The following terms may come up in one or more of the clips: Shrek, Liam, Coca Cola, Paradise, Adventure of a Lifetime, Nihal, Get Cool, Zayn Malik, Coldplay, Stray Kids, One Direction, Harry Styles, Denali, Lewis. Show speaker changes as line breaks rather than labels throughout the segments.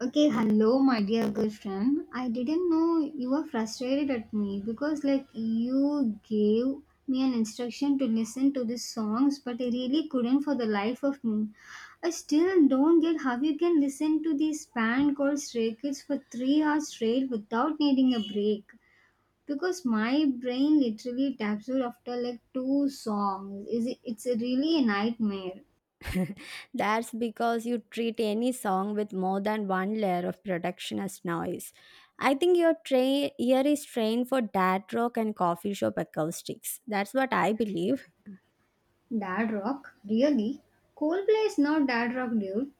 Okay, hello, my dear good friend. I didn't know you were frustrated at me because, like, you gave me an instruction to listen to these songs, but I really couldn't for the life of me. I still don't get how you can listen to this band called Stray Kids for 3 hours straight without needing a break. Because my brain literally taps out after like two songs. Is it? It's a really a nightmare.
That's because you treat any song with more than one layer of production as noise. I think your ear is trained for dad rock and coffee shop acoustics. That's what I believe.
Dad rock, really? Coldplay is not dad rock, dude.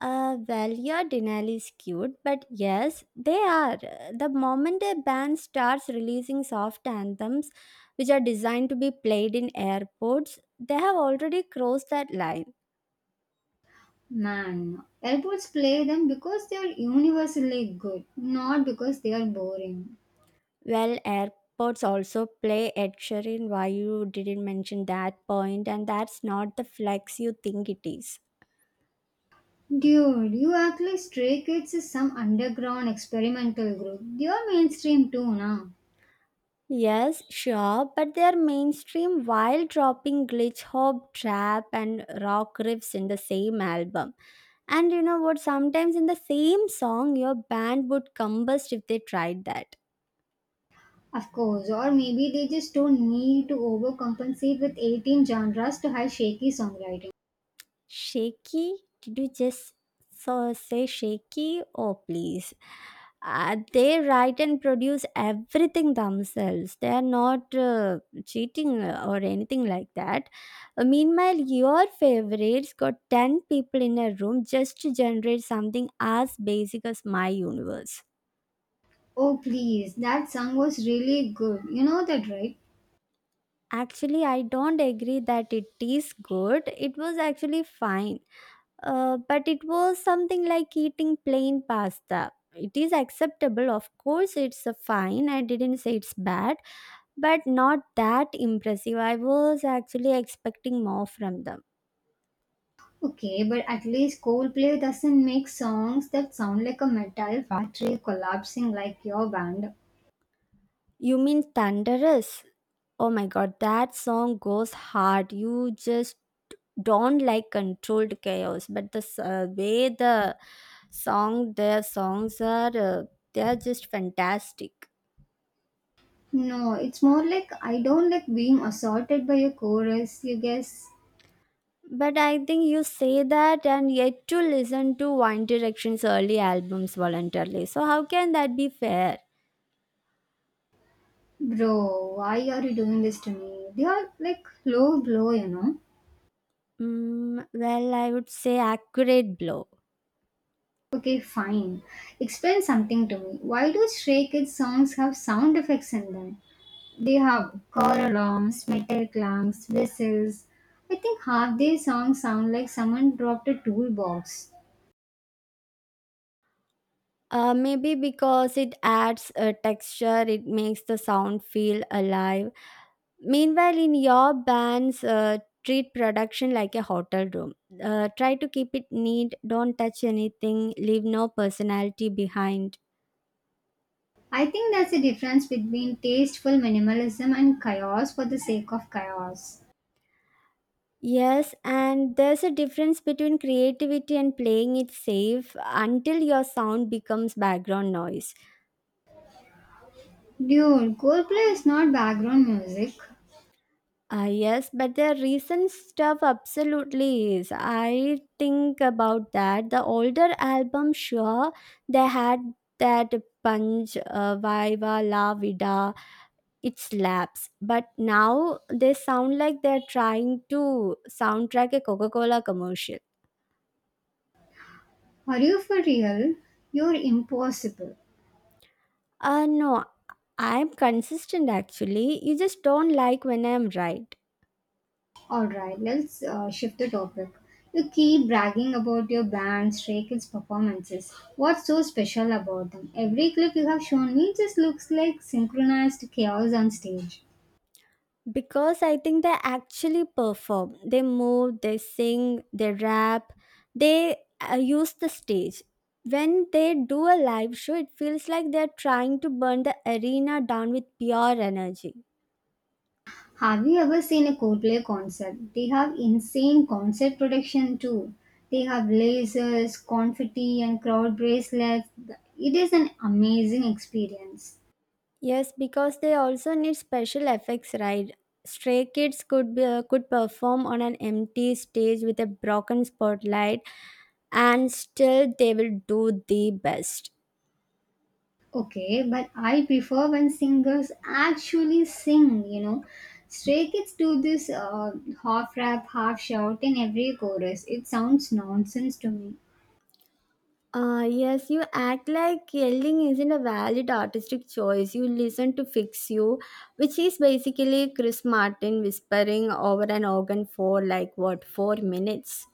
Well, your Denali is cute, but yes, they are. The moment a band starts releasing soft anthems, which are designed to be played in airports, they have already crossed that line.
Man, airports play them because they are universally good, not because they are boring.
Well, airports also play a in. Why you didn't mention that point? And that's not the flex you think it is.
Dude, you act like Stray Kids is some underground experimental group. They are mainstream too now.
Yes, sure, but they're mainstream while dropping glitch hop, trap, and rock riffs in the same album. And you know what? Sometimes in the same song, your band would combust if they tried that.
Of course, or maybe they just don't need to overcompensate with 18 genres to have shaky songwriting.
Shaky? Did you just say shaky? Oh, please. They write and produce everything themselves. They are not cheating or anything like that. Meanwhile, your favorites got 10 people in a room just to generate something as basic as my universe.
Oh please, that song was really good. You know that, right?
Actually, I don't agree that it is good. It was actually fine. But it was something like eating plain pasta. It is acceptable, of course, it's a fine. I didn't say it's bad, but not that impressive. I was actually expecting more from them.
Okay, but at least Coldplay doesn't make songs that sound like a metal factory collapsing like your band.
You mean Thunderous? Oh my god, that song goes hard. You just don't like controlled chaos, but way their songs are, they are just fantastic.
No, it's more like I don't like being assaulted by a chorus, you guess.
But I think you say that and yet to listen to One Direction's early albums voluntarily. So how can that be fair?
Bro, why are you doing this to me? They are like low blow.
Mm, well, I would say accurate blow.
Okay, fine. Explain something to me. Why do Stray Kids songs have sound effects in them? They have car alarms, metal clangs, whistles. I think half their songs sound like someone dropped a toolbox.
Maybe because it adds a texture, it makes the sound feel alive. Meanwhile, in your bands, treat production like a hotel room. Try to keep it neat, don't touch anything, leave no personality behind.
I think that's the difference between tasteful minimalism and chaos for the sake of chaos.
Yes, and there's a difference between creativity and playing it safe until your sound becomes background noise.
Dude, Coldplay is not background music.
Yes, but the recent stuff absolutely is. I think about that. The older album, sure, they had that punch, viva la vida, it slaps. But now they sound like they're trying to soundtrack a Coca Cola commercial.
Are you for real? You're impossible.
No, I'm consistent actually. You just don't like when I'm right.
Alright, let's shift the topic. You keep bragging about your band, Stray Kids performances. What's so special about them? Every clip you have shown me just looks like synchronized chaos on stage.
Because I think they actually perform. They move, they sing, they rap, they use the stage. When they do a live show, it feels like they're trying to burn the arena down with pure energy.
Have you ever seen a Coldplay concert? They have insane concert production too. They have lasers, confetti, and crowd bracelets. It is an amazing experience.
Yes, because they also need special effects, right? Stray Kids could perform on an empty stage with a broken spotlight and still they will do the best.
Okay, but I prefer when singers actually sing. Stray kids do this half rap, half shout in every chorus. It sounds nonsense to me.
Yes, you act like yelling isn't a valid artistic choice. You listen to fix you, which is basically Chris Martin whispering over an organ for like what, 4 minutes?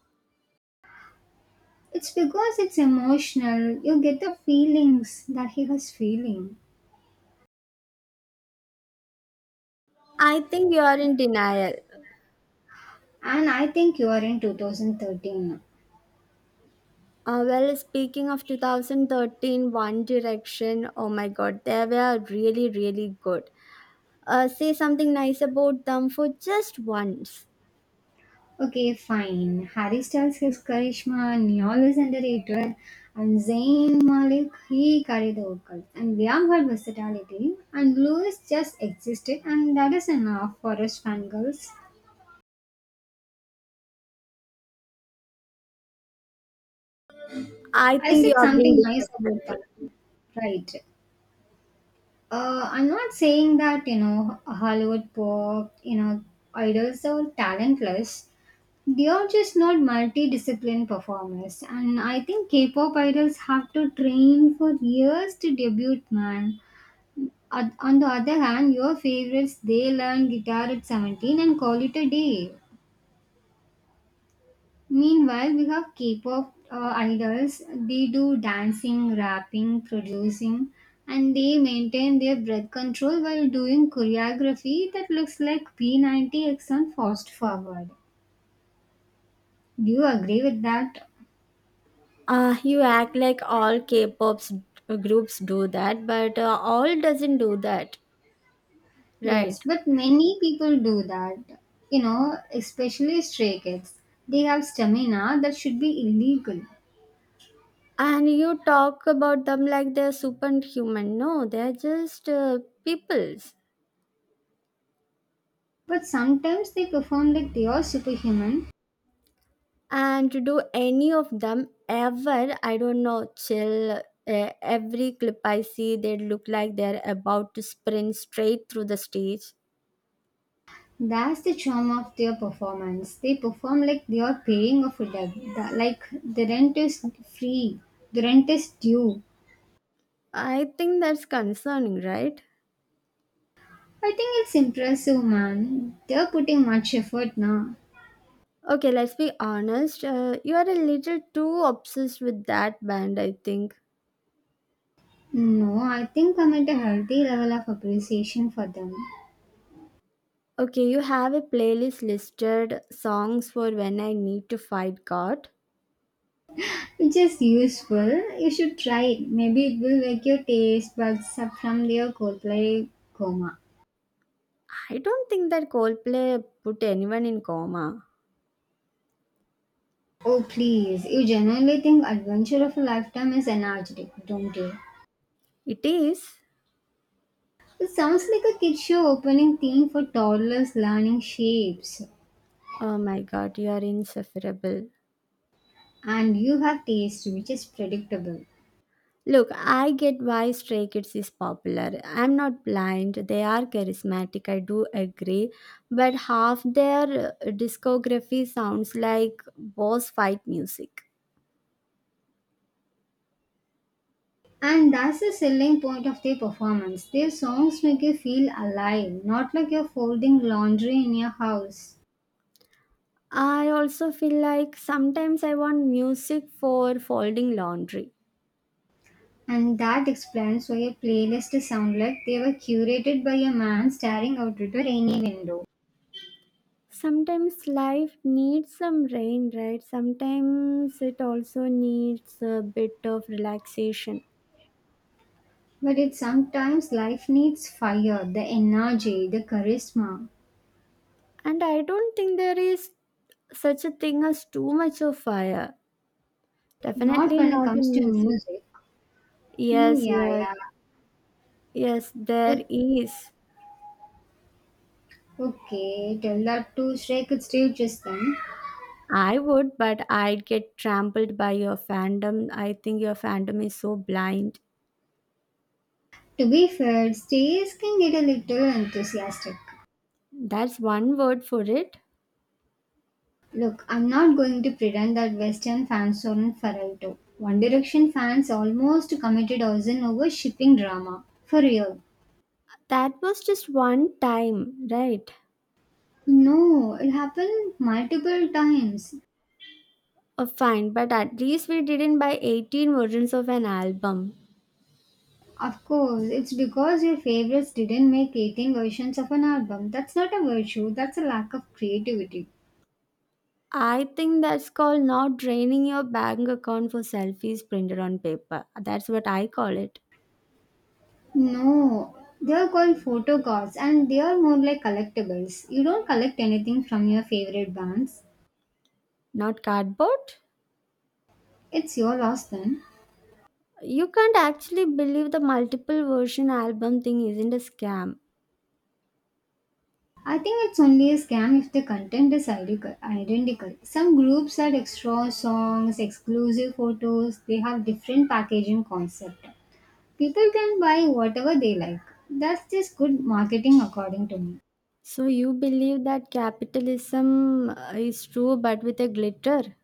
It's because it's emotional. You get the feelings that he was feeling.
I think you are in denial.
And I think you are in 2013.
Well, speaking of 2013 One Direction, oh my god, they were really, really good. Say something nice about them for just once.
Okay, fine. Harry Styles, his charisma, Nihal is underrated, and Zayn Malik, he carried the vocals. And Liam had versatility, and Lewis just existed, and that is enough for us fangirls.
I
I
think you
said
are being
something nice about them.
disrespectful.
Right. I'm not saying that, Hollywood pop, idols are talentless. They are just not multidiscipline performers, and I think K-pop idols have to train for years to debut. Man, on the other hand, your favorites they learn guitar at 17 and call it a day. Meanwhile, we have K-pop idols. They do dancing, rapping, producing, and they maintain their breath control while doing choreography that looks like P90X on Fast Forward. Do you agree with that?
You act like all K-pop groups do that, but all doesn't do that,
Yes,
right?
but many people do that. Especially Stray Kids. They have stamina that should be illegal.
And you talk about them like they're superhuman. No, they're just peoples.
But sometimes they perform like they are superhuman.
And to do any of them ever, I don't know, chill. Every clip I see, they look like they're about to sprint straight through the stage.
That's the charm of their performance. They perform like they are paying off a debt. Like the rent is free, the rent is due.
I think that's concerning, right?
I think it's impressive, man. They're putting much effort now.
Okay, let's be honest. You are a little too obsessed with that band, I think.
No, I think I'm at a healthy level of appreciation for them.
Okay, you have a playlist listed songs for when I need to fight God.
Which is useful. You should try it. Maybe it will wake your taste buds up from their Coldplay coma.
I don't think that Coldplay put anyone in coma.
Oh, please. You genuinely think Adventure of a Lifetime is energetic, don't you?
It is.
It sounds like a kid show opening theme for toddlers learning shapes.
Oh my God, you are insufferable.
And you have taste, which is predictable.
Look, I get why Stray Kids is popular. I'm not blind. They are charismatic, I do agree. But half their discography sounds like boss fight music.
And that's the selling point of their performance. Their songs make you feel alive, not like you're folding laundry in your house.
I also feel like sometimes I want music for folding laundry.
And that explains why your playlists sound like they were curated by a man staring out into a rainy window.
Sometimes life needs some rain, right? Sometimes it also needs a bit of relaxation.
But it's sometimes life needs fire, the energy, the charisma.
And I don't think there is such a thing as too much of fire.
Not
Definitely
when it
not
comes
in
to
music.
music. Hmm,
Yes,
yeah,
yes,
yeah.
yes,
O-
there is.
Okay, tell that to Shrek it's still just then.
I would, but I'd get trampled by your fandom. I think your fandom is so blind.
To be fair, stays can get a little enthusiastic.
That's one word for it.
Look, I'm not going to pretend that Western fans aren't Feralto. One Direction fans almost committed arson over shipping drama. For real.
That was just one time, right?
No, it happened multiple times.
Fine, but at least we didn't buy 18 versions of an album.
Of course, it's because your favorites didn't make 18 versions of an album. That's not a virtue, that's a lack of creativity.
I think that's called not draining your bank account for selfies printed on paper. That's what I call it,
No, they are called photo cards and they are more like collectibles. You don't collect anything from your favorite bands.
not cardboard.
It's your loss then.
You can't actually believe the multiple version album thing isn't a scam.
I think it's only a scam if the content is identical. Some groups had extra songs, exclusive photos, they have different packaging concept. People can buy whatever they like. That's just good marketing according to me.
So you believe that capitalism is true but with a glitter?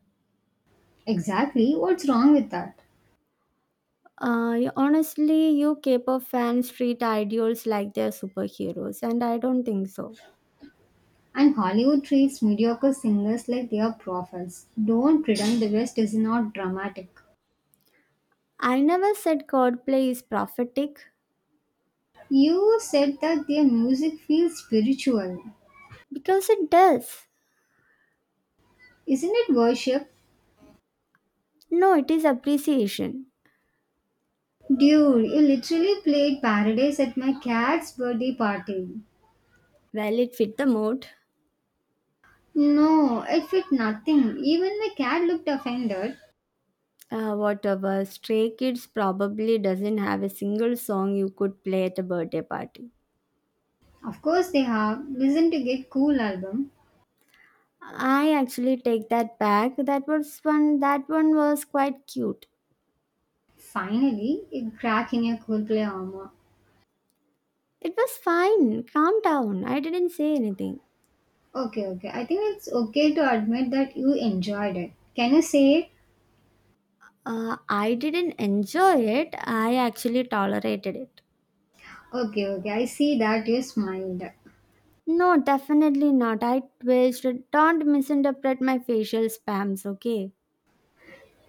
Exactly, what's wrong with that?
Honestly, you K-pop fans treat idols like they're superheroes, and I don't think so.
And Hollywood treats mediocre singers like they are prophets. Don't pretend the West is not dramatic.
I never said Coldplay is prophetic
You said that their music feels spiritual.
because it does.
Isn't it worship?
No, it is appreciation.
Dude, you literally played Paradise at my cat's birthday party.
Well, it fit the mood.
No, it fit nothing. Even my cat looked offended.
Whatever. Stray Kids probably doesn't have a single song you could play at a birthday party.
Of course they have. Listen to Get Cool album.
I actually take that back. That was one. That one was quite cute.
Finally, you crack in your cool play armor.
It was fine. Calm down. I didn't say anything.
Okay, okay. I think it's okay to admit that you enjoyed it. Can you say it?
I didn't enjoy it. I actually tolerated it.
Okay, okay. I see that you smiled.
No, definitely not. I twitched. Don't misinterpret my facial spams, okay?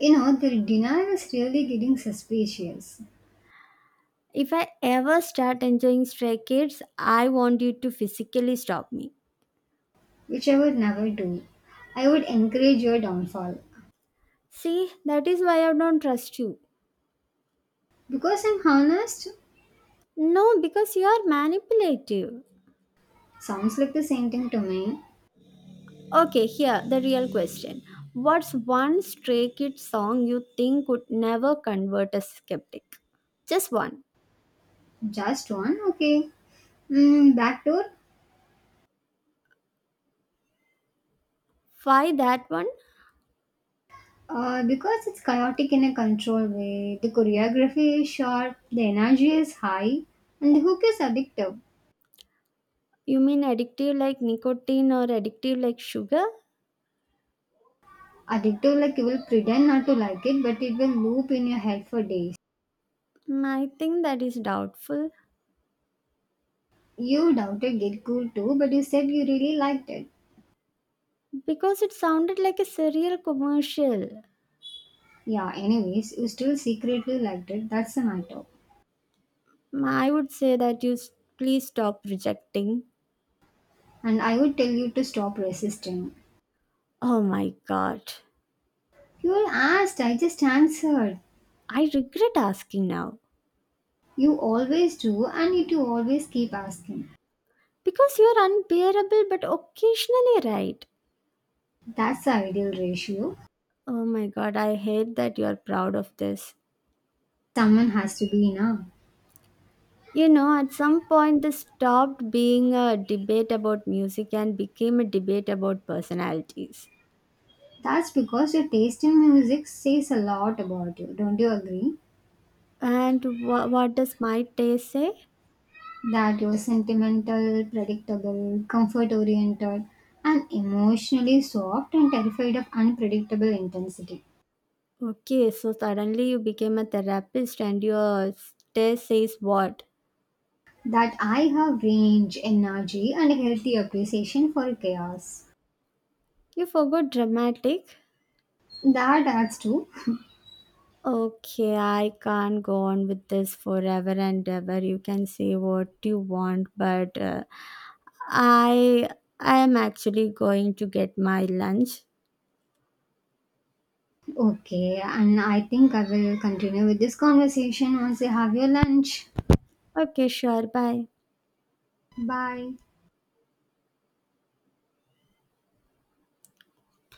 The dinner is really getting suspicious,
If I ever start enjoying Stray Kids, I want you to physically stop me.
which I would never do. I would encourage your downfall.
See, that is why I don't trust you.
Because I'm honest.
No, because you are manipulative.
Sounds like the same thing to me.
Okay, here, the real question. What's one Stray Kid song you think could never convert a skeptic? Just one.
Just one, okay. Mm, back
Why that one?
because it's chaotic in a controlled way. The choreography is sharp, the energy is high, and the hook is addictive.
You mean addictive like nicotine or addictive like sugar?
Addictive, like you will pretend not to like it, but it will loop in your head for days.
Mm, I think that is doubtful
You doubted Get Cool too, but you said you really liked it.
because it sounded like a serial commercial.
Yeah, anyways, you still secretly liked it, that's the matter.
Mm, I would say that please stop rejecting.
And I would tell you to stop resisting.
Oh my god.
You asked, I just answered.
I regret asking now
You always do, and yet you always keep asking.
because you are unbearable but occasionally right.
That's the ideal ratio.
Oh my god, I hate that you are proud of this.
Someone has to be enough.
You know, at some point, this stopped being a debate about music and became a debate about personalities.
That's because your taste in music says a lot about you, don't you agree?
And what does my taste say?
That you're sentimental, predictable, comfort oriented, and emotionally soft and terrified of unpredictable intensity.
Okay, so suddenly you became a therapist and your test says what?
That I have range, energy, and a healthy appreciation for chaos.
You forgot dramatic?
That adds to.
Okay, I can't go on with this forever and ever. You can say what you want, but I am actually going to get my lunch.
Okay, and I think I will continue with this conversation once you have your lunch.
Okay, sure. Bye.
Bye.